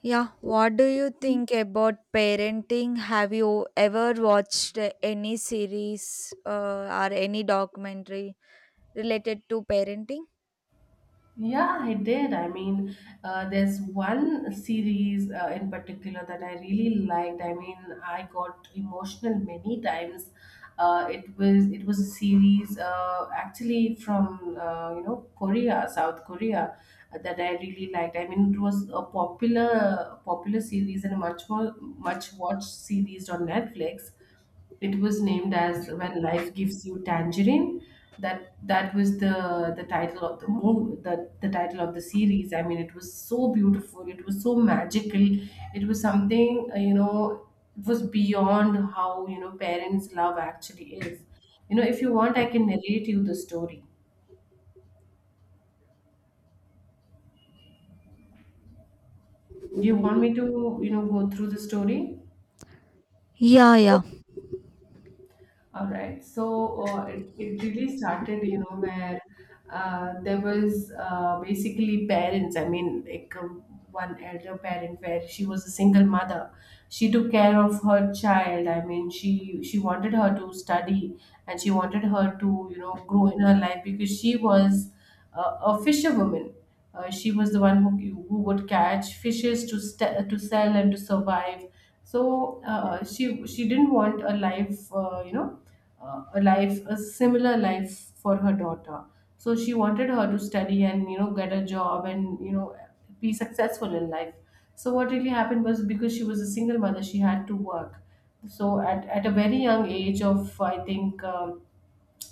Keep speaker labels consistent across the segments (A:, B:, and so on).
A: Yeah, what do you think about parenting? Have you ever watched any series or any documentary related to parenting?
B: Yeah, I did. There's one series in particular that I really liked. I got emotional many times. It was a series actually from Korea, South Korea, that I really liked. It was a popular series and a much watched series on Netflix. It was named as When Life Gives You Tangerine. That was the title of the movie, the title of the series. It was so beautiful. It was so magical. It was something, it was beyond how, parents love actually is. You know, if you want, I can narrate you the story. Do you want me to, go through the story?
A: Yeah, yeah.
B: All right. So it really started, you know, where there was, basically, parents. One elder parent where she was a single mother. She took care of her child. She wanted her to study and she wanted her to, you know, grow in her life, because she was a fisherwoman. She was the one who would catch fishes to to sell and to survive. So she didn't want a life, a life, a similar life for her daughter. So she wanted her to study and, you know, get a job and, you know, be successful in life. So what really happened was, because she was a single mother, she had to work. So at a very young age of, I think,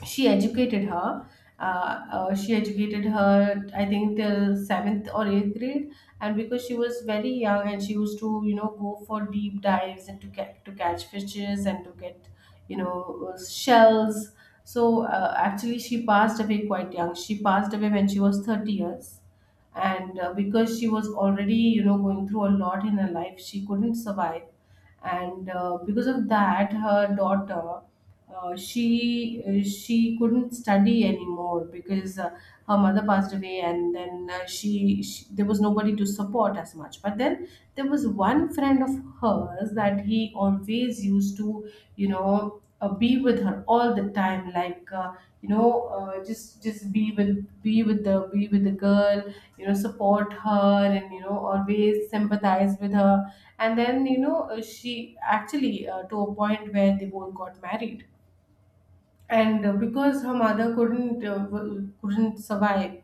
B: she educated her. She educated her, I think, till seventh or eighth grade. And because she was very young, and she used to, you know, go for deep dives and to catch fishes and to get, you know, shells. So actually, she passed away quite young. She passed away when she was 30 years, and because she was already, you know, going through a lot in her life, she couldn't survive. And because of that, her daughter, she, she couldn't study anymore, because her mother passed away. And then she there was nobody to support as much. But then there was one friend of hers that he always used to, be with her all the time, just be with, be with the girl, you know, support her and, you know, always sympathize with her. And then, she actually, to a point where they both got married. And because her mother couldn't, couldn't survive,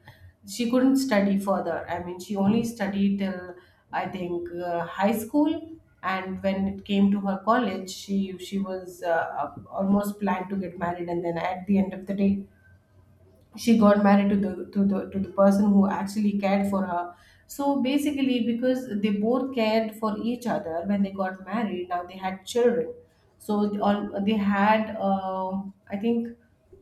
B: she couldn't study further. I mean, she only studied till, I think, high school. And when it came to her college, she was almost planned to get married. And then, at the end of the day, she got married to the to the to the person who actually cared for her. So basically, because they both cared for each other, when they got married, now they had children. So they had, I think,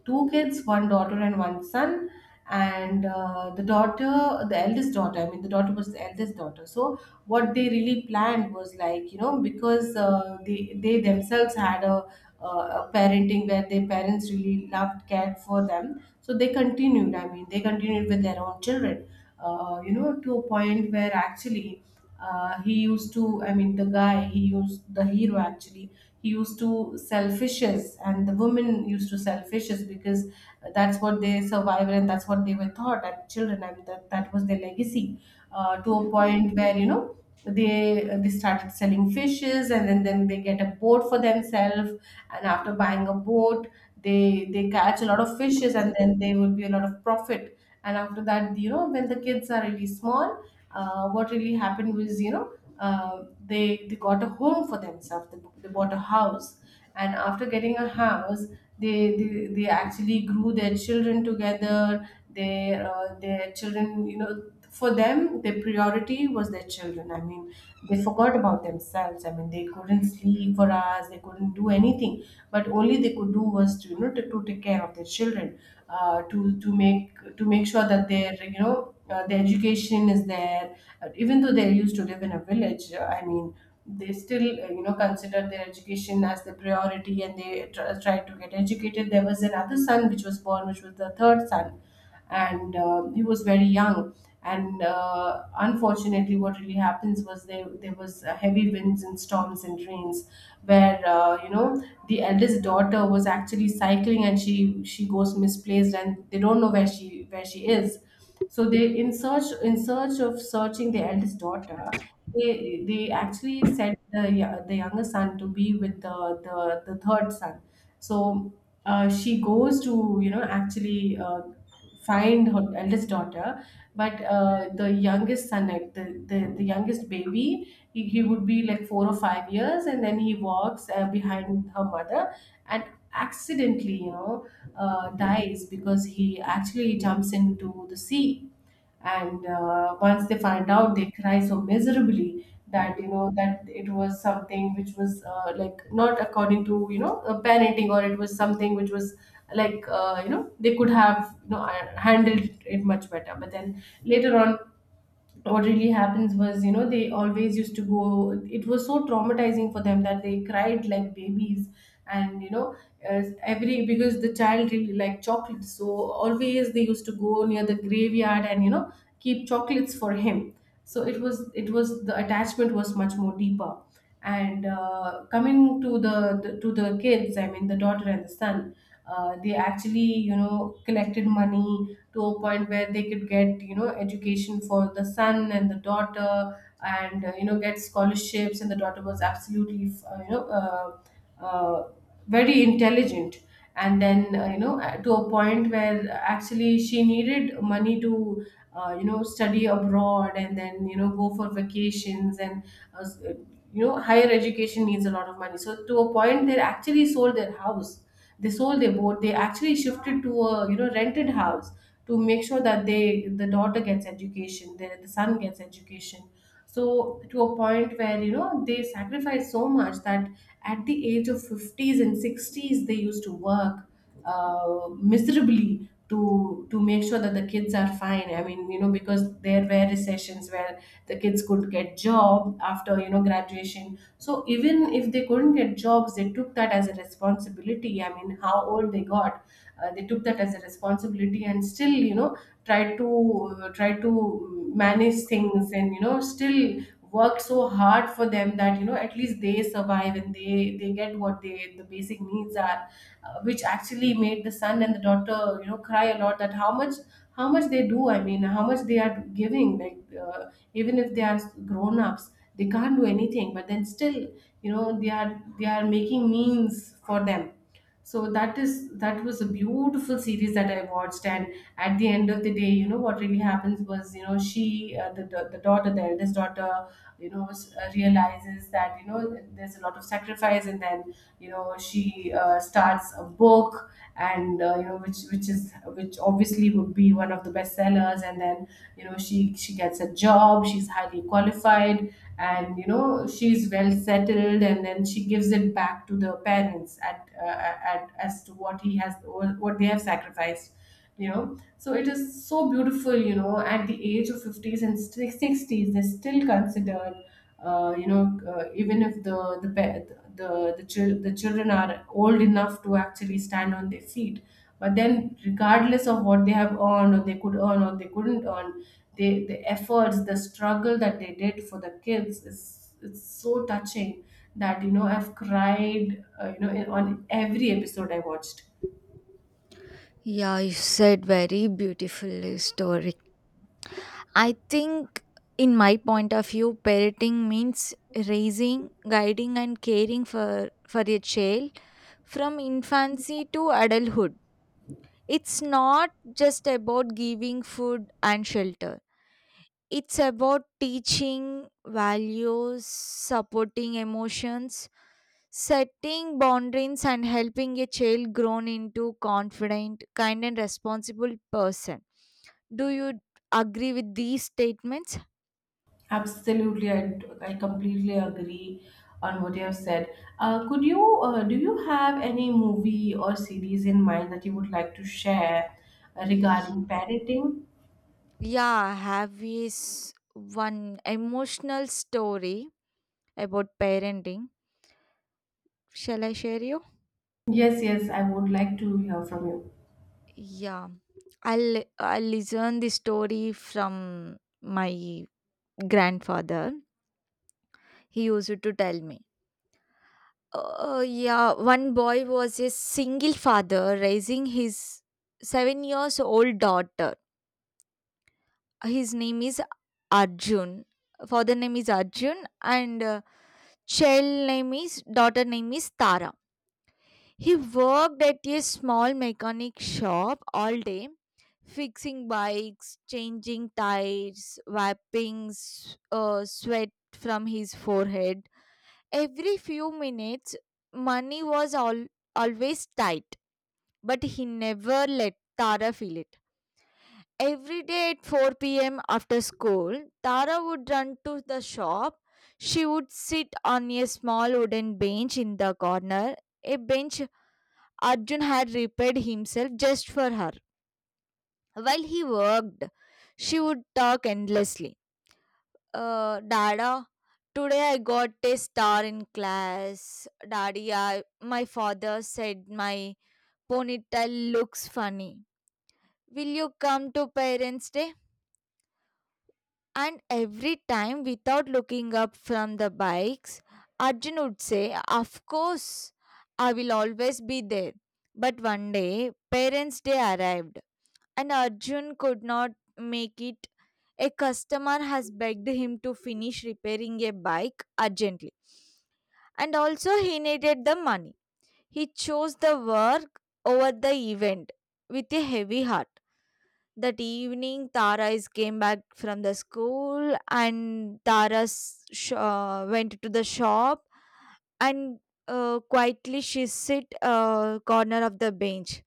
B: two kids, one daughter and one son. And the eldest daughter, I mean, the daughter was the eldest daughter. So what they really planned was, like, you know, because they themselves had a parenting where their parents really loved, cared for them. So they continued. I mean, they continued with their own children. You know, to a point where actually he used to. I mean, the guy, he used, the hero actually, he used to sell fishes, and the women used to sell fishes, because that's what they survived and that's what they were taught at children. I mean, that was their legacy. To a point where, you know, they started selling fishes, and then they get a boat for themselves. And after buying a boat, they catch a lot of fishes, and then there will be a lot of profit. And after that, you know, when the kids are really small, what really happened was, you know, they got a home for themselves. They bought a house. And after getting a house, they actually grew their children together, their, their children. You know, for them, their priority was their children. I mean, they forgot about themselves. I mean, they couldn't sleep for hours. They couldn't do anything, but only they could do was to, you know, to take care of their children, to to make sure that their, their education is there. Even though they used to live in a village, I mean, they still, you know, considered their education as the priority, and they tried to get educated. There was another son which was born, which was the third son. And he was very young. And unfortunately, what really happens was, there was heavy winds and storms and rains, where, the eldest daughter was actually cycling, and she goes misplaced, and they don't know where she, where she is. So they, in search of searching the eldest daughter, they actually sent the the younger son to be with the, the third son. So she goes to, you know, actually, find her eldest daughter. But the youngest son, like, the youngest baby, he would be like 4 or 5 years. And then he walks behind her mother, and accidentally, you know, dies, because he actually jumps into the sea. And once they find out, they cry so miserably, that, you know, that it was something which was, like, not according to, parenting, or it was something which was like, you know, they could have, handled it much better. But then later on, what really happens was, you know, they always used to go, it was so traumatizing for them that they cried like babies. And, you know, as every, because the child really liked chocolates, so always they used to go near the graveyard and, you know, keep chocolates for him. So it was, the attachment was much more deeper. And coming to the to the kids, I mean the daughter and the son, they actually, you know, collected money to a point where they could get, you know, education for the son and the daughter. And, you know, get scholarships. And the daughter was absolutely, uh, very intelligent. And then, to a point where actually she needed money to, you know, study abroad, and then, you know, go for vacations. And uh, s- uh, you know, higher education needs a lot of money. So to a point, they actually sold their house, they sold their boat, they actually shifted to a, you know, rented house, to make sure that the daughter gets education, the son gets education. So to a point where, you know, they sacrifice so much, that at the age of 50s and 60s they used to work uh, miserably, to make sure that the kids are fine. I mean, you know, because there were recessions where the kids could get job after, you know, graduation. So even if they couldn't get jobs, they took that as a responsibility. I mean, how old they got, they took that as a responsibility, and still, you know, tried to, try to manage things, and, you know, still work so hard for them, that, you know, at least they survive and they get what they, the basic needs are. Which actually made the son and the daughter, you know, cry a lot, that how much, how much they do. I mean, how much they are giving, like, uh, even if they are grown ups, they can't do anything, but then still, you know, they are making means for them. So that is, that was a beautiful series that I watched. And at the end of the day, you know, what really happens was, you know, she, the daughter, the eldest daughter, you know, realizes that, you know, there's a lot of sacrifice. And then, you know, she, starts a book, and, you know, which obviously would be one of the bestsellers. And then, you know, she gets a job, she's highly qualified, and, you know, she's well settled. And then she gives it back to the parents at, as to what he has, what they have sacrificed, you know. So it is so beautiful, you know, at the age of 50s and 60s they still consider, you know, even if the the pa- the, chil- the children are old enough to actually stand on their feet, but then regardless of what they have earned or they could earn or they couldn't earn, the efforts, the struggle that they did for the kids is, it's so touching, that you know I've cried, you know, on every episode I watched.
A: Yeah, you said very beautiful story. I think in my point of view, parenting means raising, guiding and caring for a child from infancy to adulthood. It's not just about giving food and shelter. It's about teaching values, supporting emotions, setting boundaries, and helping a child grow into confident, kind, and responsible person. Do you agree with these statements?
B: Absolutely, I completely agree on what you have said. Could you Do you have any movie or series in mind that you would like to share
A: Y-
B: regarding parenting?
A: Yeah, I have is one emotional story about parenting. Shall I share you?
B: Yes, yes, I would like to hear from you.
A: Yeah, I'll I'll listen the story from my grandfather. He used to tell me. Yeah, one boy was a single father raising his 7 years old daughter. His name is Arjun. Father name is Arjun and child name is daughter name is Tara. He worked at a small mechanic shop all day, fixing bikes, changing tires, wiping sweat from his forehead every few minutes. Money was all always tight, but he never let Tara feel it. Every day at 4 p.m. after school, Tara would run to the shop. She would sit on a small wooden bench in the corner, a bench Arjun had repaired himself just for her. While he worked, she would talk endlessly. Dada, today I got a star in class. Daddy, my father said my ponytail looks funny. Will you come to Parents' Day? And every time, without looking up from the bikes, Arjun would say, of course, I will always be there. But one day, Parents' Day arrived and Arjun could not make it. A customer has begged him to finish repairing a bike urgently, and also he needed the money. He chose the work over the event with a heavy heart. That evening, Tara is came back from the school, and Tara went to the shop, and quietly she sit corner of the bench.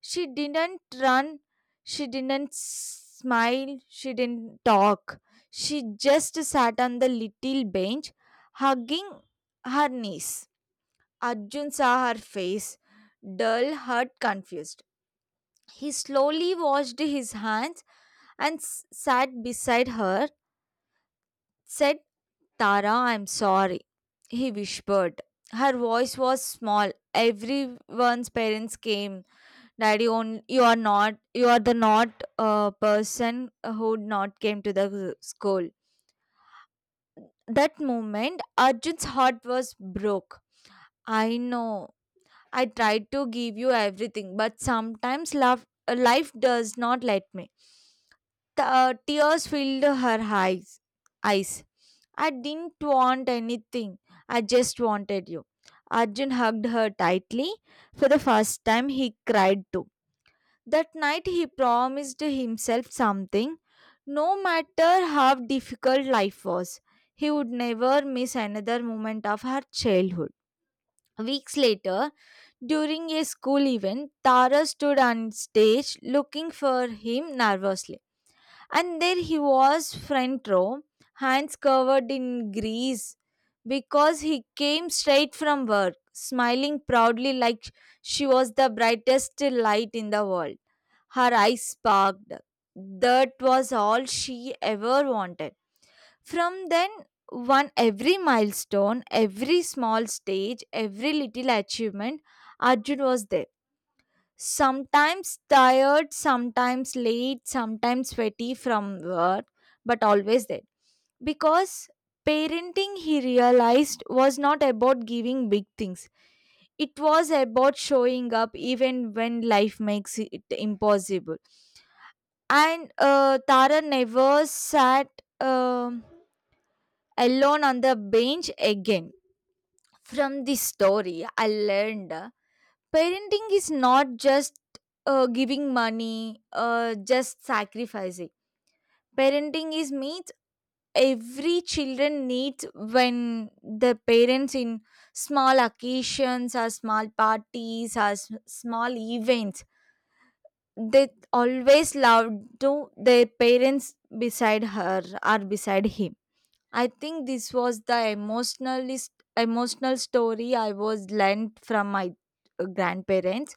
A: She didn't run. She didn't smile. She didn't talk. She just sat on the little bench, hugging her niece. Arjun saw her face, dull, hurt, confused. He slowly washed his hands and sat beside her, said, Tara, I'm sorry, he whispered. Her voice was small. Everyone's parents came. Daddy, on, you are not, you are the not person who not came to the school. That moment, Arjun's heart was broke. I know. I tried to give you everything, but sometimes love, life does not let me. Tears filled her eyes. I didn't want anything. I just wanted you. Arjun hugged her tightly. For the first time, he cried too. That night, he promised himself something. No matter how difficult life was, he would never miss another moment of her childhood. Weeks later, during a school event, Tara stood on stage looking for him nervously. And there he was, front row, hands covered in grease because he came straight from work, smiling proudly like she was the brightest light in the world. Her eyes sparkled. That was all she ever wanted. From then, on, every milestone, every small stage, every little achievement, Arjun was there. Sometimes tired, sometimes late, sometimes sweaty from work, but always there. Because parenting, he realized, was not about giving big things. It was about showing up even when life makes it impossible. And Tara never sat um alone on the bench again. From this story, I learned. Parenting is not just giving money, just sacrificing. Parenting is means every children needs when the parents in small occasions or small parties or small events they always love to their parents beside her or beside him. I think this was the emotionalist emotional story I was learned from my grandparents.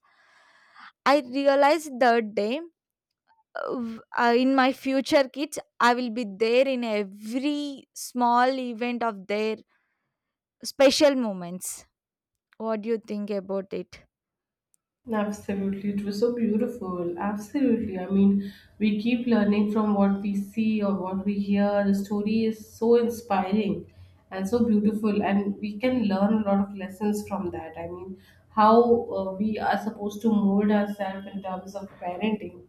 A: I realized that day, in my future kids, I will be there in every small event of their special moments. What do you think about it?
B: Absolutely, it was so beautiful. Absolutely. I mean, we keep learning from what we see or what we hear. The story is so inspiring and so beautiful, and we can learn a lot of lessons from that. I mean, how we are supposed to mold ourselves in terms of parenting.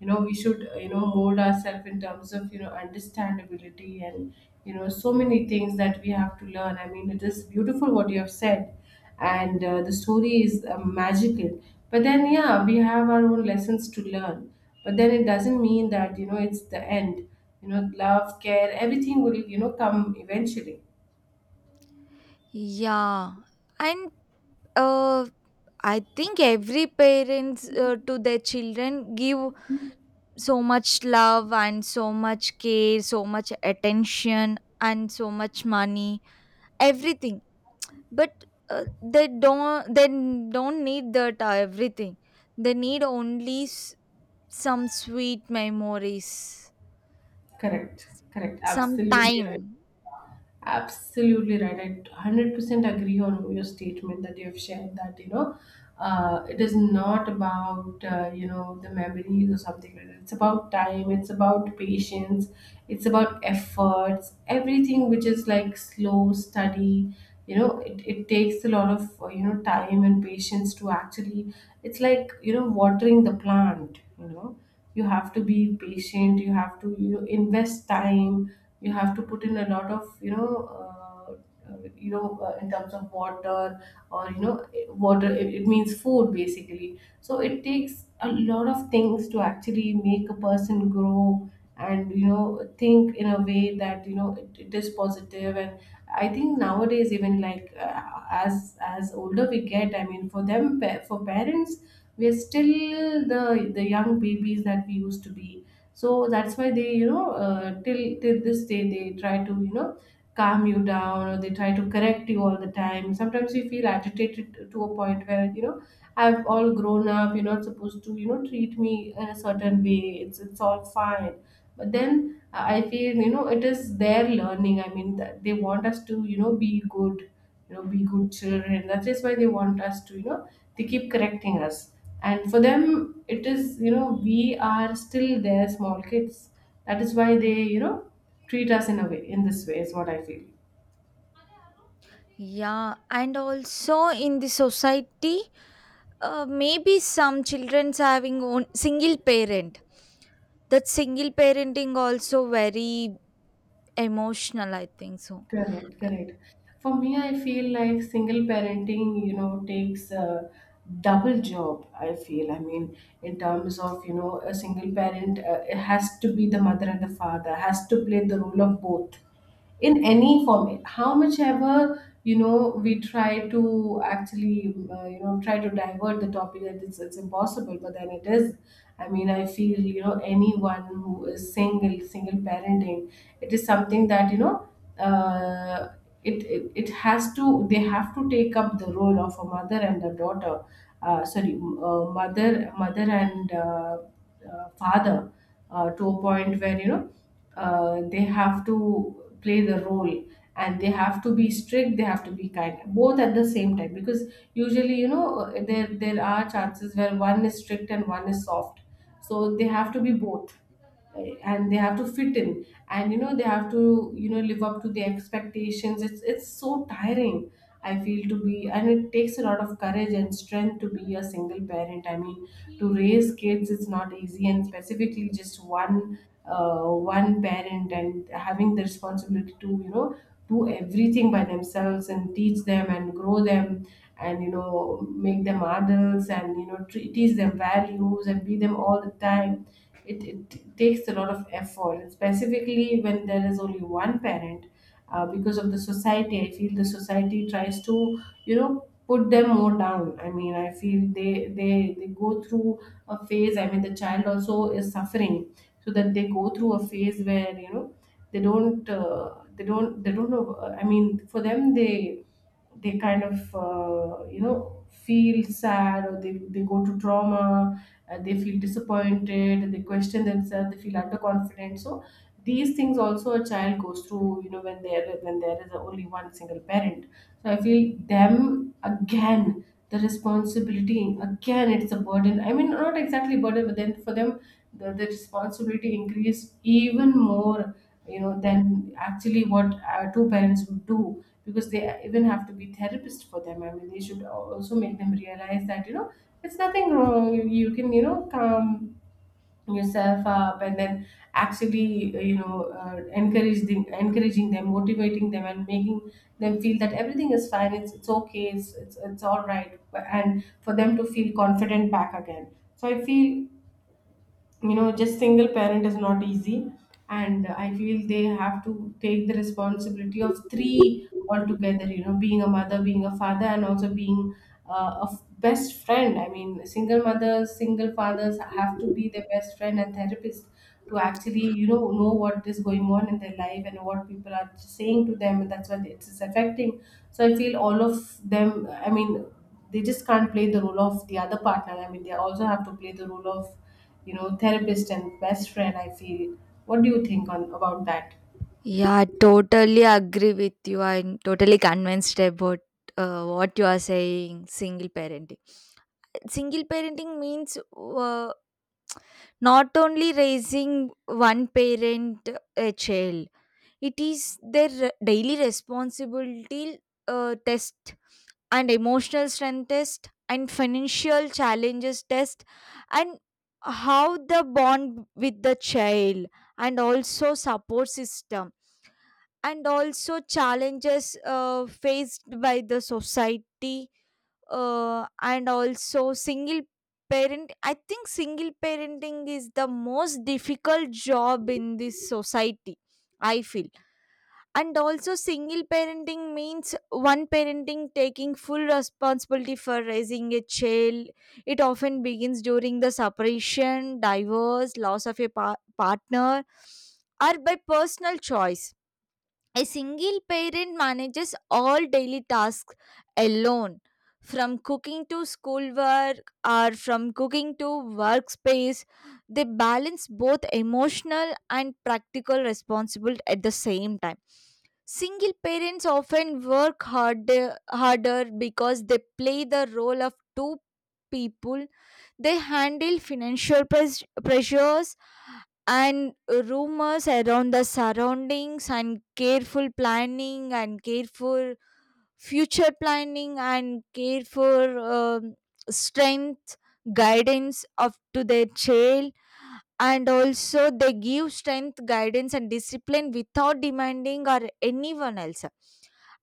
B: You know, we should, you know, mold ourselves in terms of, you know, understandability and, you know, so many things that we have to learn. I mean, it is beautiful what you have said, and the story is magical, but then, yeah, we have our own lessons to learn. But then it doesn't mean that, you know, it's the end. You know, love, care, everything will, you know, come eventually.
A: Yeah, and uh, I think every parents to their children give so much love and so much care, so much attention and so much money, everything but they don't need that everything. They need only some sweet memories
B: Correct, correct,
A: some
B: absolutely right.
A: time.
B: Absolutely right. I 100% agree on your statement that you have shared that, you know, it is not about, you know, the memories or something like that. It's about time, it's about patience, it's about efforts, everything which is like slow study. You know, it takes a lot of, you know, time and patience to actually, it's like, you know, watering the plant, you know. You have to be patient, you have to, you know, invest time. You have to put in a lot of, you know, uh, you know, in terms of water, or you know, water, it means food basically, so it takes a lot of things to actually make a person grow and, you know, think in a way that, you know, it is positive. And I think nowadays, even like, as older we get, I mean, for them, for parents, we are still the young babies that we used to be. So that's why they, you know, till this day they try to, you know, calm you down, or they try to correct you all the time. Sometimes you feel agitated to a point where, you know, I've all grown up, you're not supposed to, you know, treat me in a certain way. It's all fine. But then I feel, you know, it is their learning, I mean, that they want us to, you know, be good. You know, be good children. That is why they want us to, you know, they keep correcting us. And for them it is, you know, we are still their small kids. That is why they, you know, treat us in a way, in this way, is what I feel.
A: Yeah, and also in the society, maybe some children's having own single parent, that single parenting also very emotional, I think so.
B: Correct, correct. For me, I feel like single parenting, you know, takes a double job. I feel, I mean, in terms of, you know, a single parent, it has to be the mother and the father, has to play the role of both in any form. How much ever, you know, we try to actually, you know, try to divert the topic that it's impossible, but then it is. I mean, I feel, you know, anyone who is single parenting, it is something that, you know, uh, it, it it has to they have to take up the role of a mother and a daughter sorry m- mother mother and father, to a point where, you know, they have to play the role, and they have to be strict, they have to be kind both at the same time, because usually, you know, there are chances where one is strict and one is soft, so they have to be both. And they have to fit in, and you know they have to, you know, live up to the expectations. It's so tiring, I feel, to be, and it takes a lot of courage and strength to be a single parent. I mean, to raise kids is not easy, and specifically just uh, one parent and having the responsibility to, you know, do everything by themselves and teach them and grow them, and you know, make them adults, and you know, teach them values, and be them all the time. It takes a lot of effort, and specifically when there is only one parent. Because of the society, I feel the society tries to, you know, put them more down. I mean, I feel they go through a phase. I mean, the child also is suffering, so that they go through a phase where, you know, they don't know, I mean, for them, they kind of, you know, feel sad, or they go to trauma, they feel disappointed, they question themselves, they feel underconfident. So these things also a child goes through, you know, when there is only one single parent. So I feel them again, the responsibility again, it's a burden, I mean, not exactly burden, but then for them the responsibility increased even more, you know, than actually what two parents would do, because they even have to be therapist for them. I mean, they should also make them realize that, you know, it's nothing wrong. You can, you know, calm yourself up, and then actually, you know, encouraging them, motivating them, and making them feel that everything is fine, it's okay, it's all right, and for them to feel confident back again. So I feel, you know, just single parent is not easy, and I feel they have to take the responsibility of three altogether, you know, being a mother, being a father, and also being a best friend. I mean, single mothers, single fathers have to be their best friend and therapist to actually, you know what is going on in their life and what people are saying to them, and that's what it's affecting. So I feel all of them, I mean, they just can't play the role of the other partner. I mean, they also have to play the role of, you know, therapist and best friend, I feel. What do you think on about that?
A: Yeah, I totally agree with you. I'm totally convinced about what you are saying. Single parenting, single parenting means, not only raising one parent a child, it is their daily responsibility, test and emotional strength test and financial challenges test, and how the bond with the child and also support system and also challenges faced by the society, and also single parent. I think single parenting is the most difficult job in this society, I feel. And also single parenting means one parenting taking full responsibility for raising a child. It often begins during the separation, divorce, loss of a partner, or by personal choice. A single parent manages all daily tasks alone, from cooking to schoolwork or from cooking to workspace. They balance both emotional and practical responsibility at the same time. Single parents often work harder because they play the role of two people. They handle financial pressures and rumors around the surroundings and careful planning and careful future planning and careful strength guidance of to their child, and also they give strength guidance and discipline without demanding or anyone else.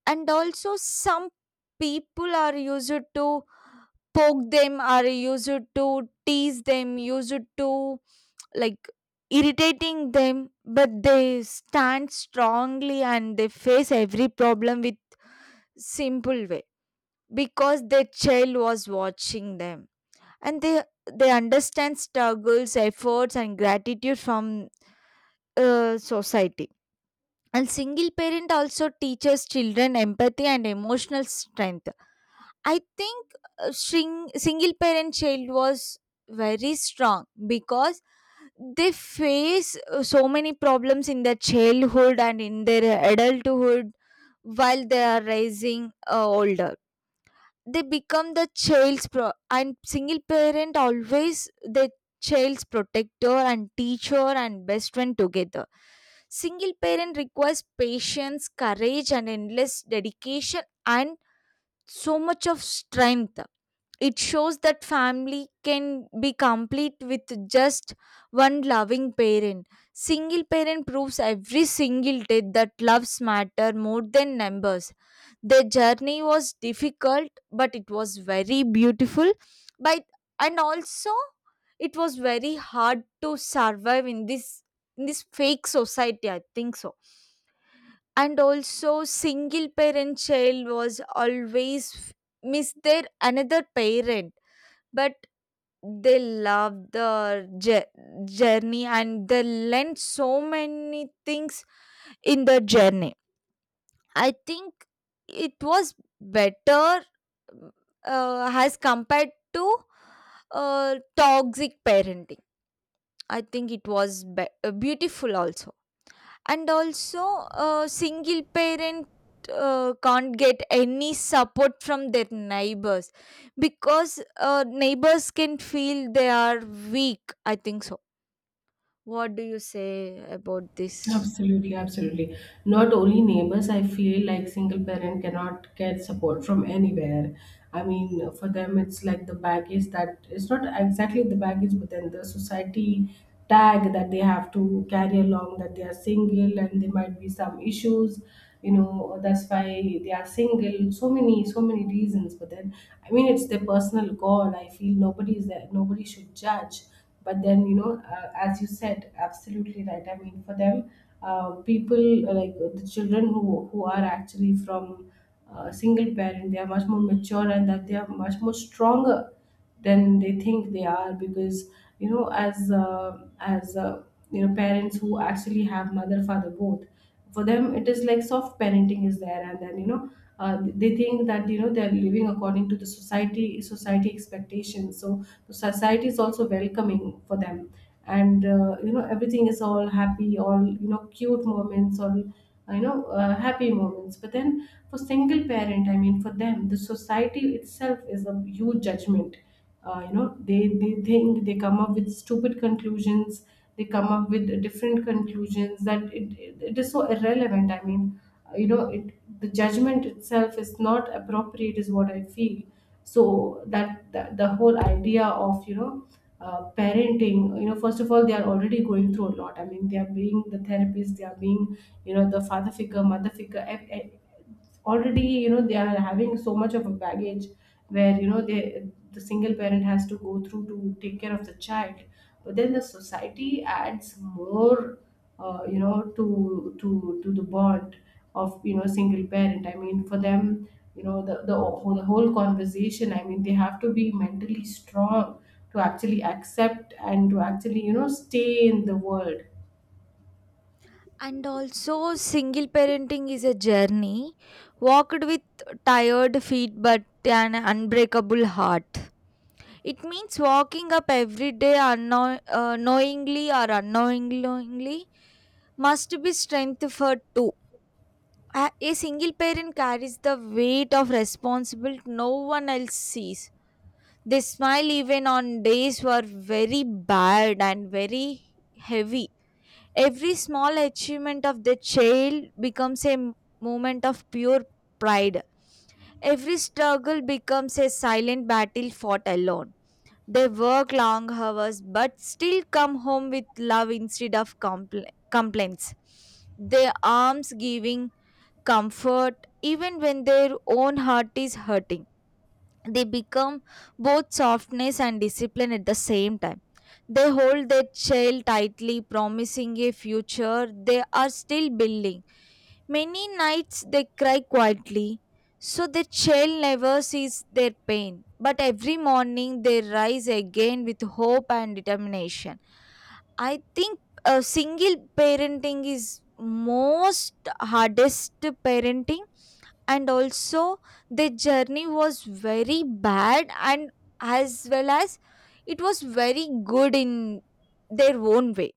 A: And also some people are used to poke them, are used to tease them, used to like irritating them, but they stand strongly and they face every problem with simple way because their child was watching them, and they understand struggles efforts and gratitude from society. And single parent also teaches children empathy and emotional strength, I think. Single parent child was very strong because they face so many problems in their childhood and in their adulthood while they are rising older. They become the and single parent always the child's protector and teacher and best friend together. Single parent requires patience, courage, and endless dedication and so much of strength. It shows that family can be complete with just one loving parent. Single parent proves every single day that loves matter more than numbers. Their journey was difficult, but it was very beautiful. But and also it was very hard to survive in this, fake society, I think so. And also single parent child was always miss their another parent, but they love the journey and they learn so many things in the journey. I think it was better as compared to uh, toxic parenting. I think it was beautiful also. And also, a single parent can't get any support from their neighbors because neighbors can feel they are weak, I think so. What do you say about this?
B: Absolutely, absolutely. Not only neighbors, I feel like single parent cannot get support from anywhere. I mean, for them, it's like the baggage, that it's not exactly the baggage, but then the society tag that they have to carry along that they are single and there might be some issues, you know, that's why they are single. So many, so many reasons. But then, I mean, it's their personal call. I feel nobody is there, nobody should judge. But then, you know, as you said, absolutely right, I mean, for them, people, like, the children who are actually from single parent, they are much more mature, and that they are much more stronger than they think they are, because, you know, as you know, parents who actually have mother, father, both, for them it is like soft parenting is there. And then, you know, they think that, you know, they are living according to the society expectations, so the society is also welcoming for them. And you know, everything is all happy, all you know, cute moments, all you know, happy moments. But then for single parent, I mean, for them the society itself is a huge judgment. You know, they think, they come up with stupid conclusions, they come up with different conclusions, that it is so irrelevant, I mean, you know, it the judgment itself is not appropriate, is what I feel. So that the whole idea of, you know, parenting, you know, first of all they are already going through a lot. I mean, they are being the therapist, they are being, you know, the father figure, mother figure, already, you know, they are having so much of a baggage where, you know, the single parent has to go through to take care of the child. But then the society adds more, you know, to the bond of, you know, single parent. I mean, for them, you know, the whole conversation, I mean, they have to be mentally strong to actually accept and to actually, you know, stay in the world.
A: And also, single parenting is a journey walked with tired feet but an unbreakable heart. It means walking up every day knowingly or unknowingly must be strengthened too. A single parent carries the weight of responsibility no one else sees. They smile even on days were very bad and very heavy. Every small achievement of the child becomes a moment of pure pride. Every struggle becomes a silent battle fought alone. They work long hours but still come home with love instead of complaints. Their arms giving comfort even when their own heart is hurting, they become both softness and discipline at the same time. They hold their child tightly, promising a future they are still building. Many nights they cry quietly, so the child never sees their pain. But every morning they rise again with hope and determination. I think single parenting is most hardest parenting, and also the journey was very bad and as well as it was very good in their own way,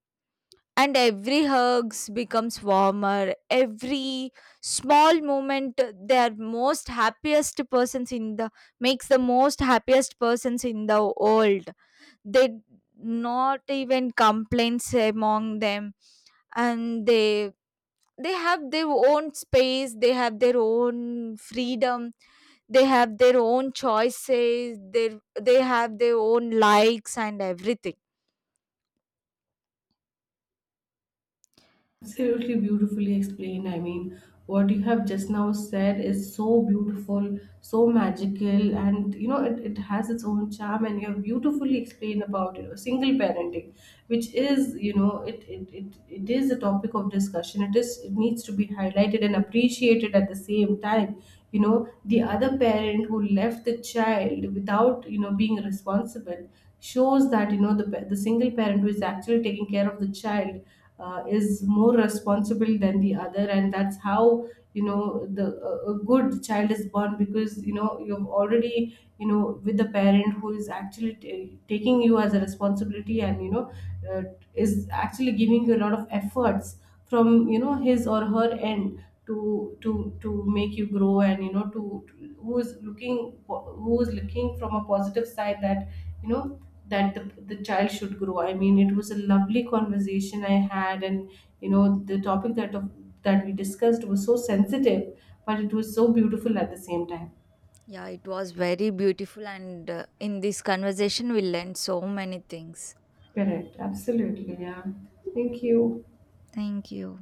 A: and every hugs becomes warmer. Every small moment they are most happiest persons in the makes the most happiest persons in the world. They not even complaints among them, and they have their own space, they have their own freedom, they have their own choices, they have their own likes and everything.
B: Absolutely, beautifully explained. I mean, what you have just now said is so beautiful, so magical, and you know, it has its own charm. And you have beautifully explained about, you know, single parenting, which is, you know, it is a topic of discussion. It needs to be highlighted and appreciated at the same time. You know, the other parent who left the child without, you know, being responsible shows that, you know, the single parent who is actually taking care of the child is more responsible than the other, and that's how, you know, the a good child is born, because you know, you've already, you know, with the parent who is actually taking you as a responsibility, and you know, uh, is actually giving you a lot of efforts from, you know, his or her end, to make you grow, and you know, to who is looking from a positive side, that, you know, that the child should grow. I mean, it was a lovely conversation I had, and you know, the topic that we discussed was so sensitive, but it was so beautiful at the same time.
A: Yeah, it was very beautiful and in this conversation we learned so many things.
B: Correct, absolutely, yeah. Thank you.
A: Thank you.